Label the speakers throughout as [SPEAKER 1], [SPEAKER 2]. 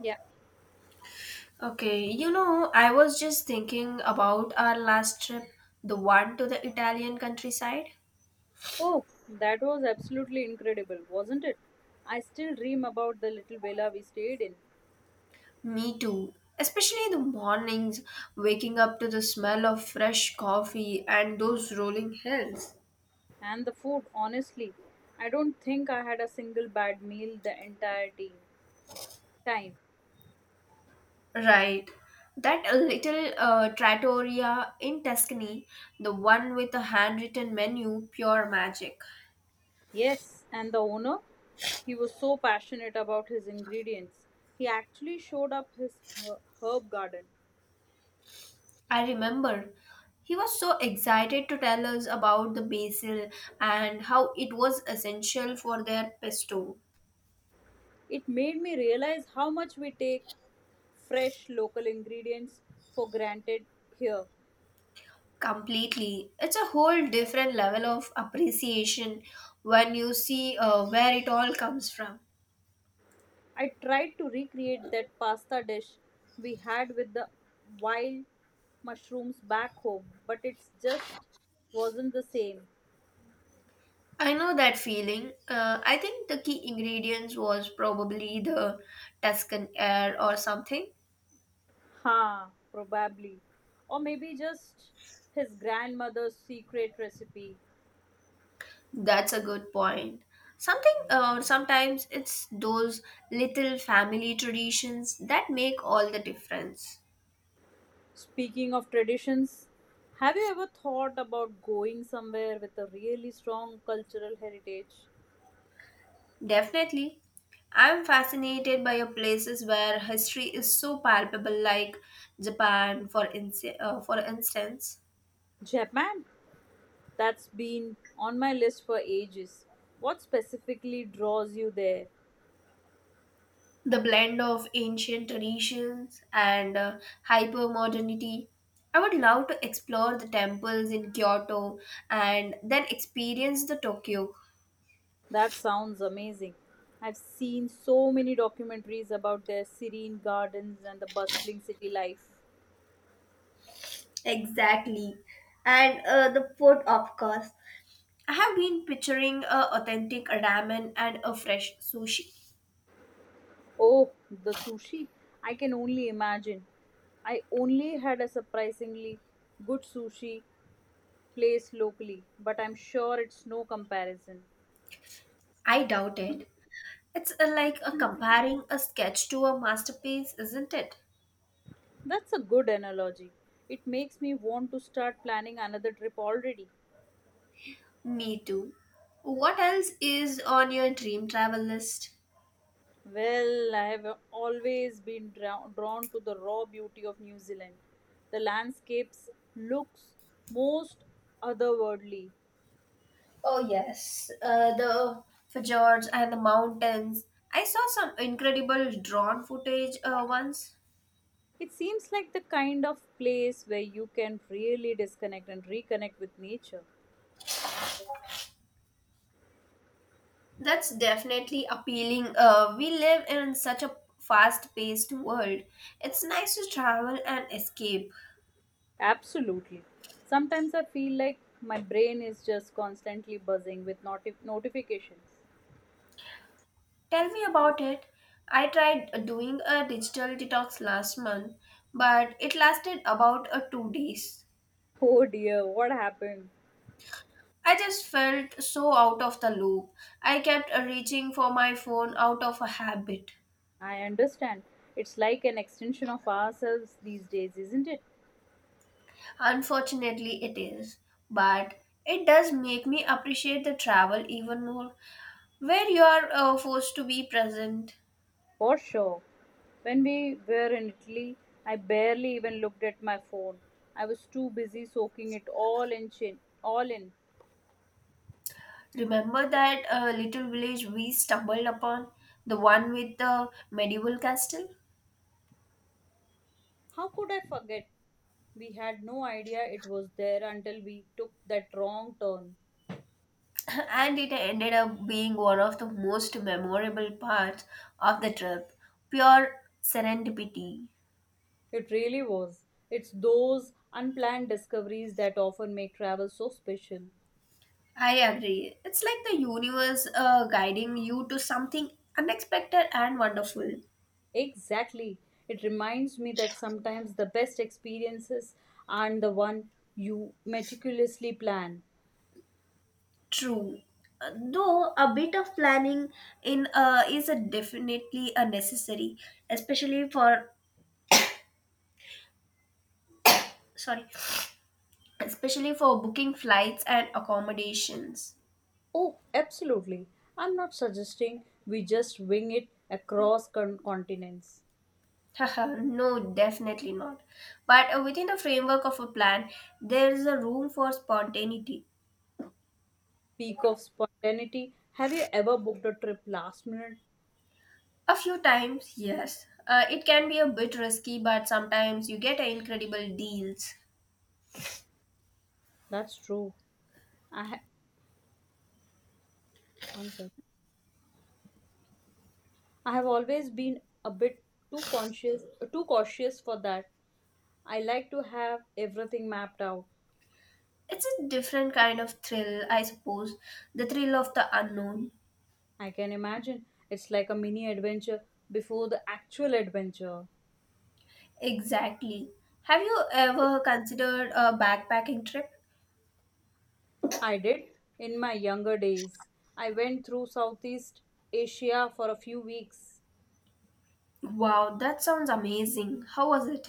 [SPEAKER 1] Yeah.
[SPEAKER 2] Okay, you know, I was just thinking about our last trip, the one to the Italian countryside.
[SPEAKER 1] Oh, that was absolutely incredible, wasn't it? I still dream about the little villa we stayed in
[SPEAKER 2] Me too. Especially the mornings, waking up to the smell of fresh coffee and those rolling hills.
[SPEAKER 1] and the food, honestly. I don't think I had a single bad meal the entire time.
[SPEAKER 2] Right. That a little trattoria in Tuscany, the one with the handwritten menu, pure magic.
[SPEAKER 1] Yes, and the owner? He was so passionate about his ingredients. He actually showed up his herb garden.
[SPEAKER 2] I remember he was so excited to tell us about the basil and how it was essential for their pesto.
[SPEAKER 1] It made me realize how much we take fresh local ingredients for granted here.
[SPEAKER 2] Completely. It's a whole different level of appreciation when you see where it all comes from.
[SPEAKER 1] I tried to recreate that pasta dish we had with the wild mushrooms back home, but it just wasn't the same.
[SPEAKER 2] I know that feeling. I think the key ingredients was probably the Tuscan air or something.
[SPEAKER 1] Ha, probably. Or maybe just his grandmother's secret recipe.
[SPEAKER 2] That's a good point. Something Sometimes it's those little family traditions that make all the difference.
[SPEAKER 1] Speaking of traditions, have you ever thought about going somewhere with a really strong cultural heritage?
[SPEAKER 2] Definitely. I'm fascinated by your places where history is so palpable like Japan for instance.
[SPEAKER 1] Japan, that's been on my list for ages. What specifically draws you there?
[SPEAKER 2] The blend of ancient traditions and hyper modernity. I would love to explore the temples in Kyoto and then experience the Tokyo.
[SPEAKER 1] That sounds amazing. I've seen so many documentaries about their serene gardens and the bustling city life.
[SPEAKER 2] Exactly. And the food, of course. I have been picturing a authentic ramen and a fresh sushi.
[SPEAKER 1] Oh, the sushi. I can only imagine. I only had a surprisingly good sushi place locally, but I'm sure it's no comparison.
[SPEAKER 2] I doubt it. It's like a comparing a sketch to a masterpiece, isn't it?
[SPEAKER 1] That's a good analogy. It makes me want to start planning another trip already.
[SPEAKER 2] Me too. What else is on your dream travel list?
[SPEAKER 1] Well, I have always been drawn to the raw beauty of New Zealand. The landscapes looks most otherworldly.
[SPEAKER 2] Oh yes, the fjords and the mountains. I saw some incredible drone footage once.
[SPEAKER 1] It seems like the kind of place where you can really disconnect and reconnect with nature.
[SPEAKER 2] That's definitely appealing. We live in such a fast paced world. It's nice to travel and escape.
[SPEAKER 1] Absolutely. Sometimes I feel like my brain is just constantly buzzing with notifications.
[SPEAKER 2] Tell me about it. I tried doing a digital detox last month, but it lasted about 2 days.
[SPEAKER 1] Oh dear, what happened?
[SPEAKER 2] I just felt so out of the loop. I kept reaching for my phone out of a habit.
[SPEAKER 1] I understand. It's like an extension of ourselves these days, isn't it?
[SPEAKER 2] Unfortunately, it is, but it does make me appreciate the travel even more, where you are forced to be present.
[SPEAKER 1] For sure. When we were in Italy, I barely even looked at my phone. I was too busy soaking it all all in.
[SPEAKER 2] Remember that little village we stumbled upon? The one with the medieval castle?
[SPEAKER 1] How could I forget? We had no idea it was there until we took that wrong turn.
[SPEAKER 2] And it ended up being one of the most memorable parts of the trip. Pure serendipity.
[SPEAKER 1] It really was. It's those unplanned discoveries that often make travel so special.
[SPEAKER 2] I agree. It's like the universe guiding you to something unexpected and wonderful.
[SPEAKER 1] Exactly. It reminds me that sometimes the best experiences aren't the one you meticulously plan.
[SPEAKER 2] True. Though a bit of planning in is a definitely a necessary, especially for sorry especially for booking flights and accommodations.
[SPEAKER 1] Oh, absolutely. I'm not suggesting we just wing it across continents.
[SPEAKER 2] Haha, no, definitely not. But within the framework of a plan, there is a room for spontaneity.
[SPEAKER 1] Speak of spontaneity. Have you ever booked a trip last minute?
[SPEAKER 2] A few times, yes, it can be a bit risky, but sometimes you get incredible deals.
[SPEAKER 1] That's true. I ha- one second. I have always been a bit too conscious, too cautious for that. I like to have everything mapped out.
[SPEAKER 2] It's a different kind of thrill, I suppose, the thrill of the unknown.
[SPEAKER 1] I can imagine it's like a mini adventure before the actual adventure.
[SPEAKER 2] Exactly. Have you ever considered a backpacking trip?
[SPEAKER 1] I did in my younger days. I went through Southeast Asia for a few weeks.
[SPEAKER 2] Wow, that sounds amazing. How was it?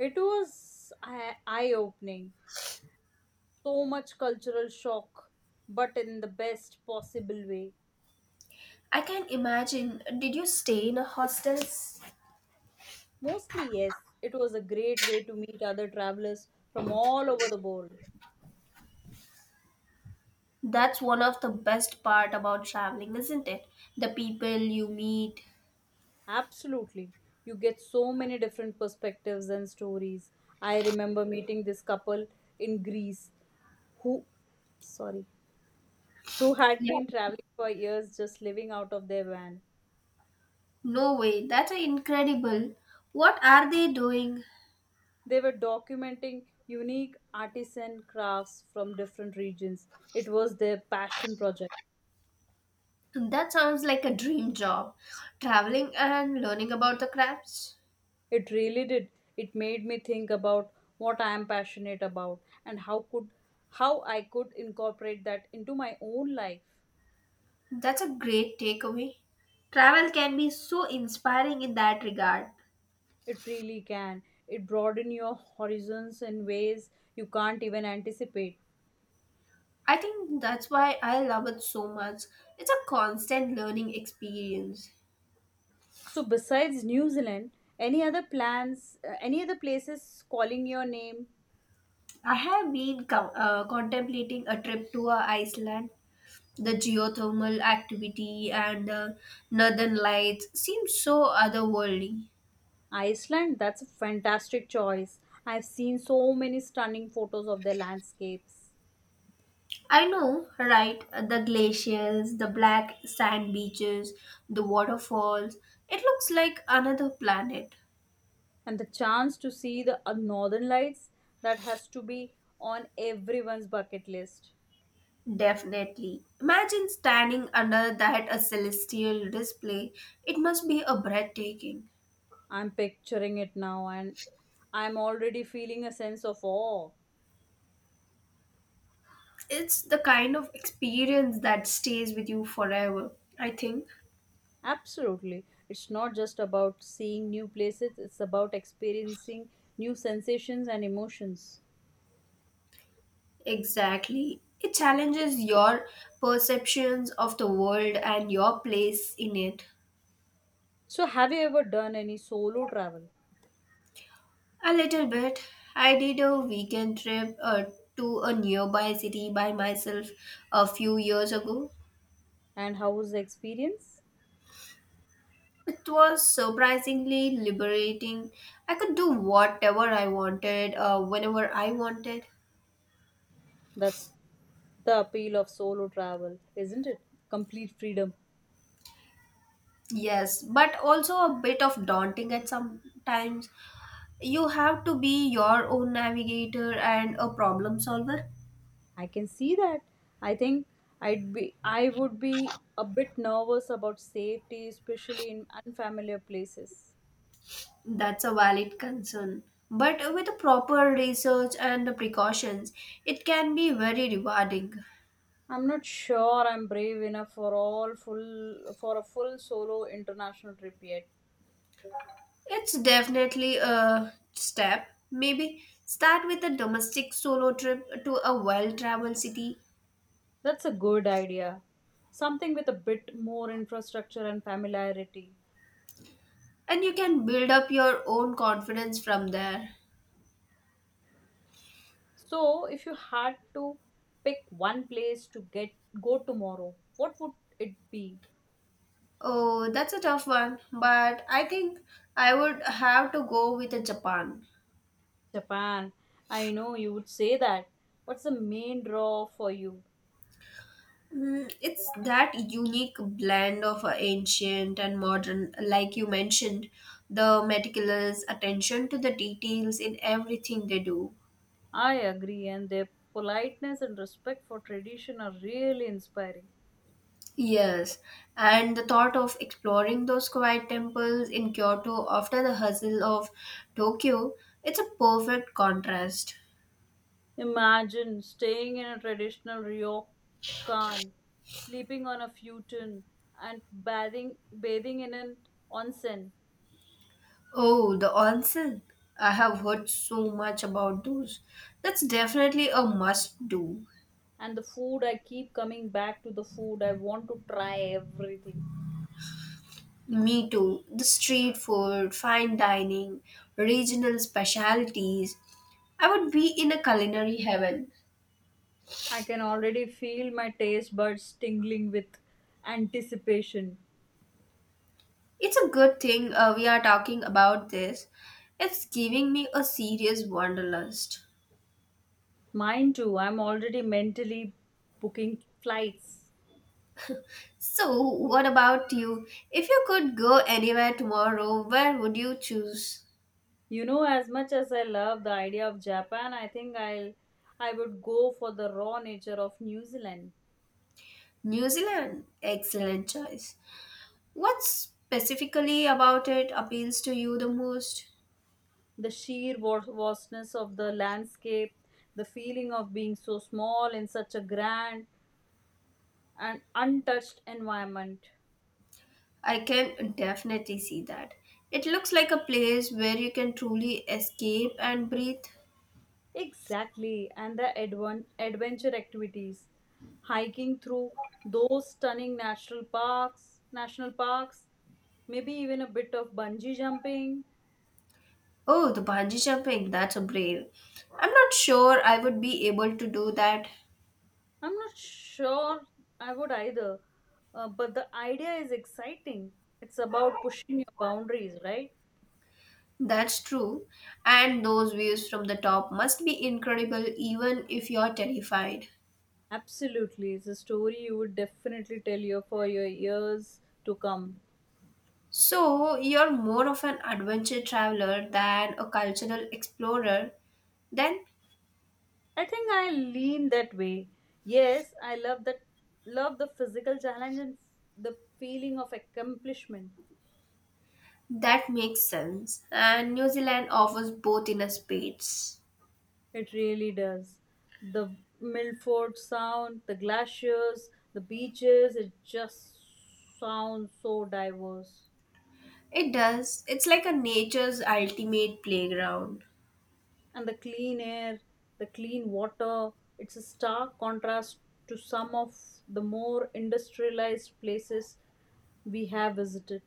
[SPEAKER 1] It was eye opening. So much cultural shock, but in the best possible way.
[SPEAKER 2] I can imagine. Did you stay in a hostel?
[SPEAKER 1] Mostly, yes, it was a great way to meet other travelers from all over the world.
[SPEAKER 2] That's one of the best part about traveling, isn't it? The people you meet.
[SPEAKER 1] Absolutely. You get so many different perspectives and stories. I remember meeting this couple in Greece who, sorry, who had
[SPEAKER 2] Yeah.
[SPEAKER 1] been traveling for years just living out of their van.
[SPEAKER 2] No way. That's incredible. What are they doing?
[SPEAKER 1] They were documenting unique artisan crafts from different regions. It was their passion project.
[SPEAKER 2] That sounds like a dream job. Traveling and learning about the crafts.
[SPEAKER 1] It really did. It made me think about what I am passionate about and how I could incorporate that into my own life.
[SPEAKER 2] That's a great takeaway. Travel can be so inspiring in that regard.
[SPEAKER 1] It really can. It broaden your horizons in ways you can't even anticipate.
[SPEAKER 2] I think that's why I love it so much. It's a constant learning experience.
[SPEAKER 1] So besides New Zealand, any other plans, any other places calling your name?
[SPEAKER 2] I have been contemplating a trip to Iceland. The geothermal activity and the northern lights seem so otherworldly.
[SPEAKER 1] Iceland, that's a fantastic choice. I've seen so many stunning photos of their landscapes.
[SPEAKER 2] I know, right? The glaciers, the black sand beaches, the waterfalls. It looks like another planet.
[SPEAKER 1] And the chance to see the northern lights, that has to be on everyone's bucket list.
[SPEAKER 2] Definitely. Imagine standing under that a celestial display. It must be a breathtaking.
[SPEAKER 1] I'm picturing it now and I'm already feeling a sense of awe.
[SPEAKER 2] It's the kind of experience that stays with you forever, I think.
[SPEAKER 1] Absolutely. It's not just about seeing new places, it's about experiencing new sensations and emotions.
[SPEAKER 2] Exactly. It challenges your perceptions of the world and your place in it.
[SPEAKER 1] So, have you ever done any solo travel?
[SPEAKER 2] A little bit. I did a weekend trip to a nearby city by myself a few years ago.
[SPEAKER 1] And how was the experience?
[SPEAKER 2] It was surprisingly liberating. I could do whatever I wanted, whenever I wanted.
[SPEAKER 1] That's the appeal of solo travel, isn't it? Complete freedom.
[SPEAKER 2] Yes, but also a bit of daunting at some times. You have to be your own navigator and a problem solver.
[SPEAKER 1] I can see that. I think I would be a bit nervous about safety, especially in unfamiliar places.
[SPEAKER 2] That's a valid concern. But with proper research and precautions, it can be very rewarding.
[SPEAKER 1] I'm not sure I'm brave enough for all full for a full solo international trip yet.
[SPEAKER 2] It's definitely a step. Maybe start with a domestic solo trip to a well traveled city
[SPEAKER 1] That's a good idea. Something with a bit more infrastructure and familiarity.
[SPEAKER 2] and you can build up your own confidence from there.
[SPEAKER 1] So, if you had to pick one place to get go tomorrow, what would it be?
[SPEAKER 2] Oh, that's a tough one, but I think I would have to go with a Japan.
[SPEAKER 1] Japan. I know you would say that. What's the main draw for you?
[SPEAKER 2] Mm, it's that unique blend of ancient and modern, like you mentioned, the meticulous attention to the details in everything they do.
[SPEAKER 1] I agree, and their politeness and respect for tradition are really inspiring.
[SPEAKER 2] Yes, and the thought of exploring those quiet temples in Kyoto after the hustle of Tokyo, it's a perfect contrast.
[SPEAKER 1] Imagine staying in a traditional ryokan, sleeping on a futon, and bathing in an onsen.
[SPEAKER 2] Oh, the onsen. I have heard so much about those. That's definitely a must do.
[SPEAKER 1] And the food, I keep coming back to the food. I want to try everything.
[SPEAKER 2] Me too. The street food, fine dining, regional specialties. I would be in a culinary heaven.
[SPEAKER 1] I can already feel my taste buds tingling with anticipation.
[SPEAKER 2] It's a good thing we are talking about this. It's giving me a serious wanderlust.
[SPEAKER 1] Mine too. I'm already mentally booking flights.
[SPEAKER 2] So, what about you? If you could go anywhere tomorrow, where would you choose?
[SPEAKER 1] You know, as much as I love the idea of Japan, I think I'll I would go for the raw nature of New Zealand.
[SPEAKER 2] New Zealand. Excellent choice. What specifically about it appeals to you the most?
[SPEAKER 1] The sheer vastness of the landscape, the feeling of being so small in such a grand and untouched environment.
[SPEAKER 2] I can definitely see that. It looks like a place where you can truly escape and breathe.
[SPEAKER 1] Exactly, and the adventure activities, hiking through those national parks, maybe even a bit of bungee jumping.
[SPEAKER 2] Oh, the bungee jumping, that's a brave. I'm not sure I would be able to do that.
[SPEAKER 1] I'm not sure I would either, but the idea is exciting. It's about pushing your boundaries, right?
[SPEAKER 2] That's true. And those views from the top must be incredible even if you're terrified.
[SPEAKER 1] Absolutely, it's a story you would definitely tell you for your years to come.
[SPEAKER 2] So, you're more of an adventure traveler than a cultural explorer. Then
[SPEAKER 1] I think I lean that way. Yes, I love that love the physical challenge and the feeling of accomplishment.
[SPEAKER 2] that makes sense. And New Zealand offers both in a space.
[SPEAKER 1] It really does. The Milford Sound, the glaciers, the beaches, it just sounds so diverse.
[SPEAKER 2] It does. It's like a nature's ultimate playground.
[SPEAKER 1] And the clean air, the clean water, it's a stark contrast to some of the more industrialized places we have visited.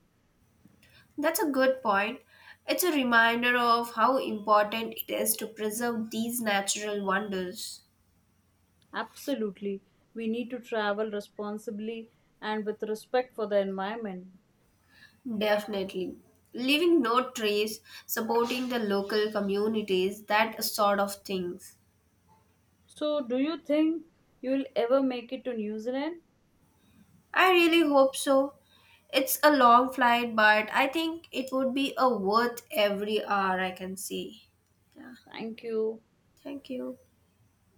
[SPEAKER 2] That's a good point. It's a reminder of how important it is to preserve these natural wonders.
[SPEAKER 1] Absolutely. We need to travel responsibly and with respect for the environment.
[SPEAKER 2] Definitely. Leaving no trace, supporting the local communities, that sort of things.
[SPEAKER 1] So, do you think you will ever make it to New Zealand?
[SPEAKER 2] I really hope so. It's a long flight, but I think it would be a worth every hour I can see. Yeah.
[SPEAKER 1] Thank you.
[SPEAKER 2] Thank you.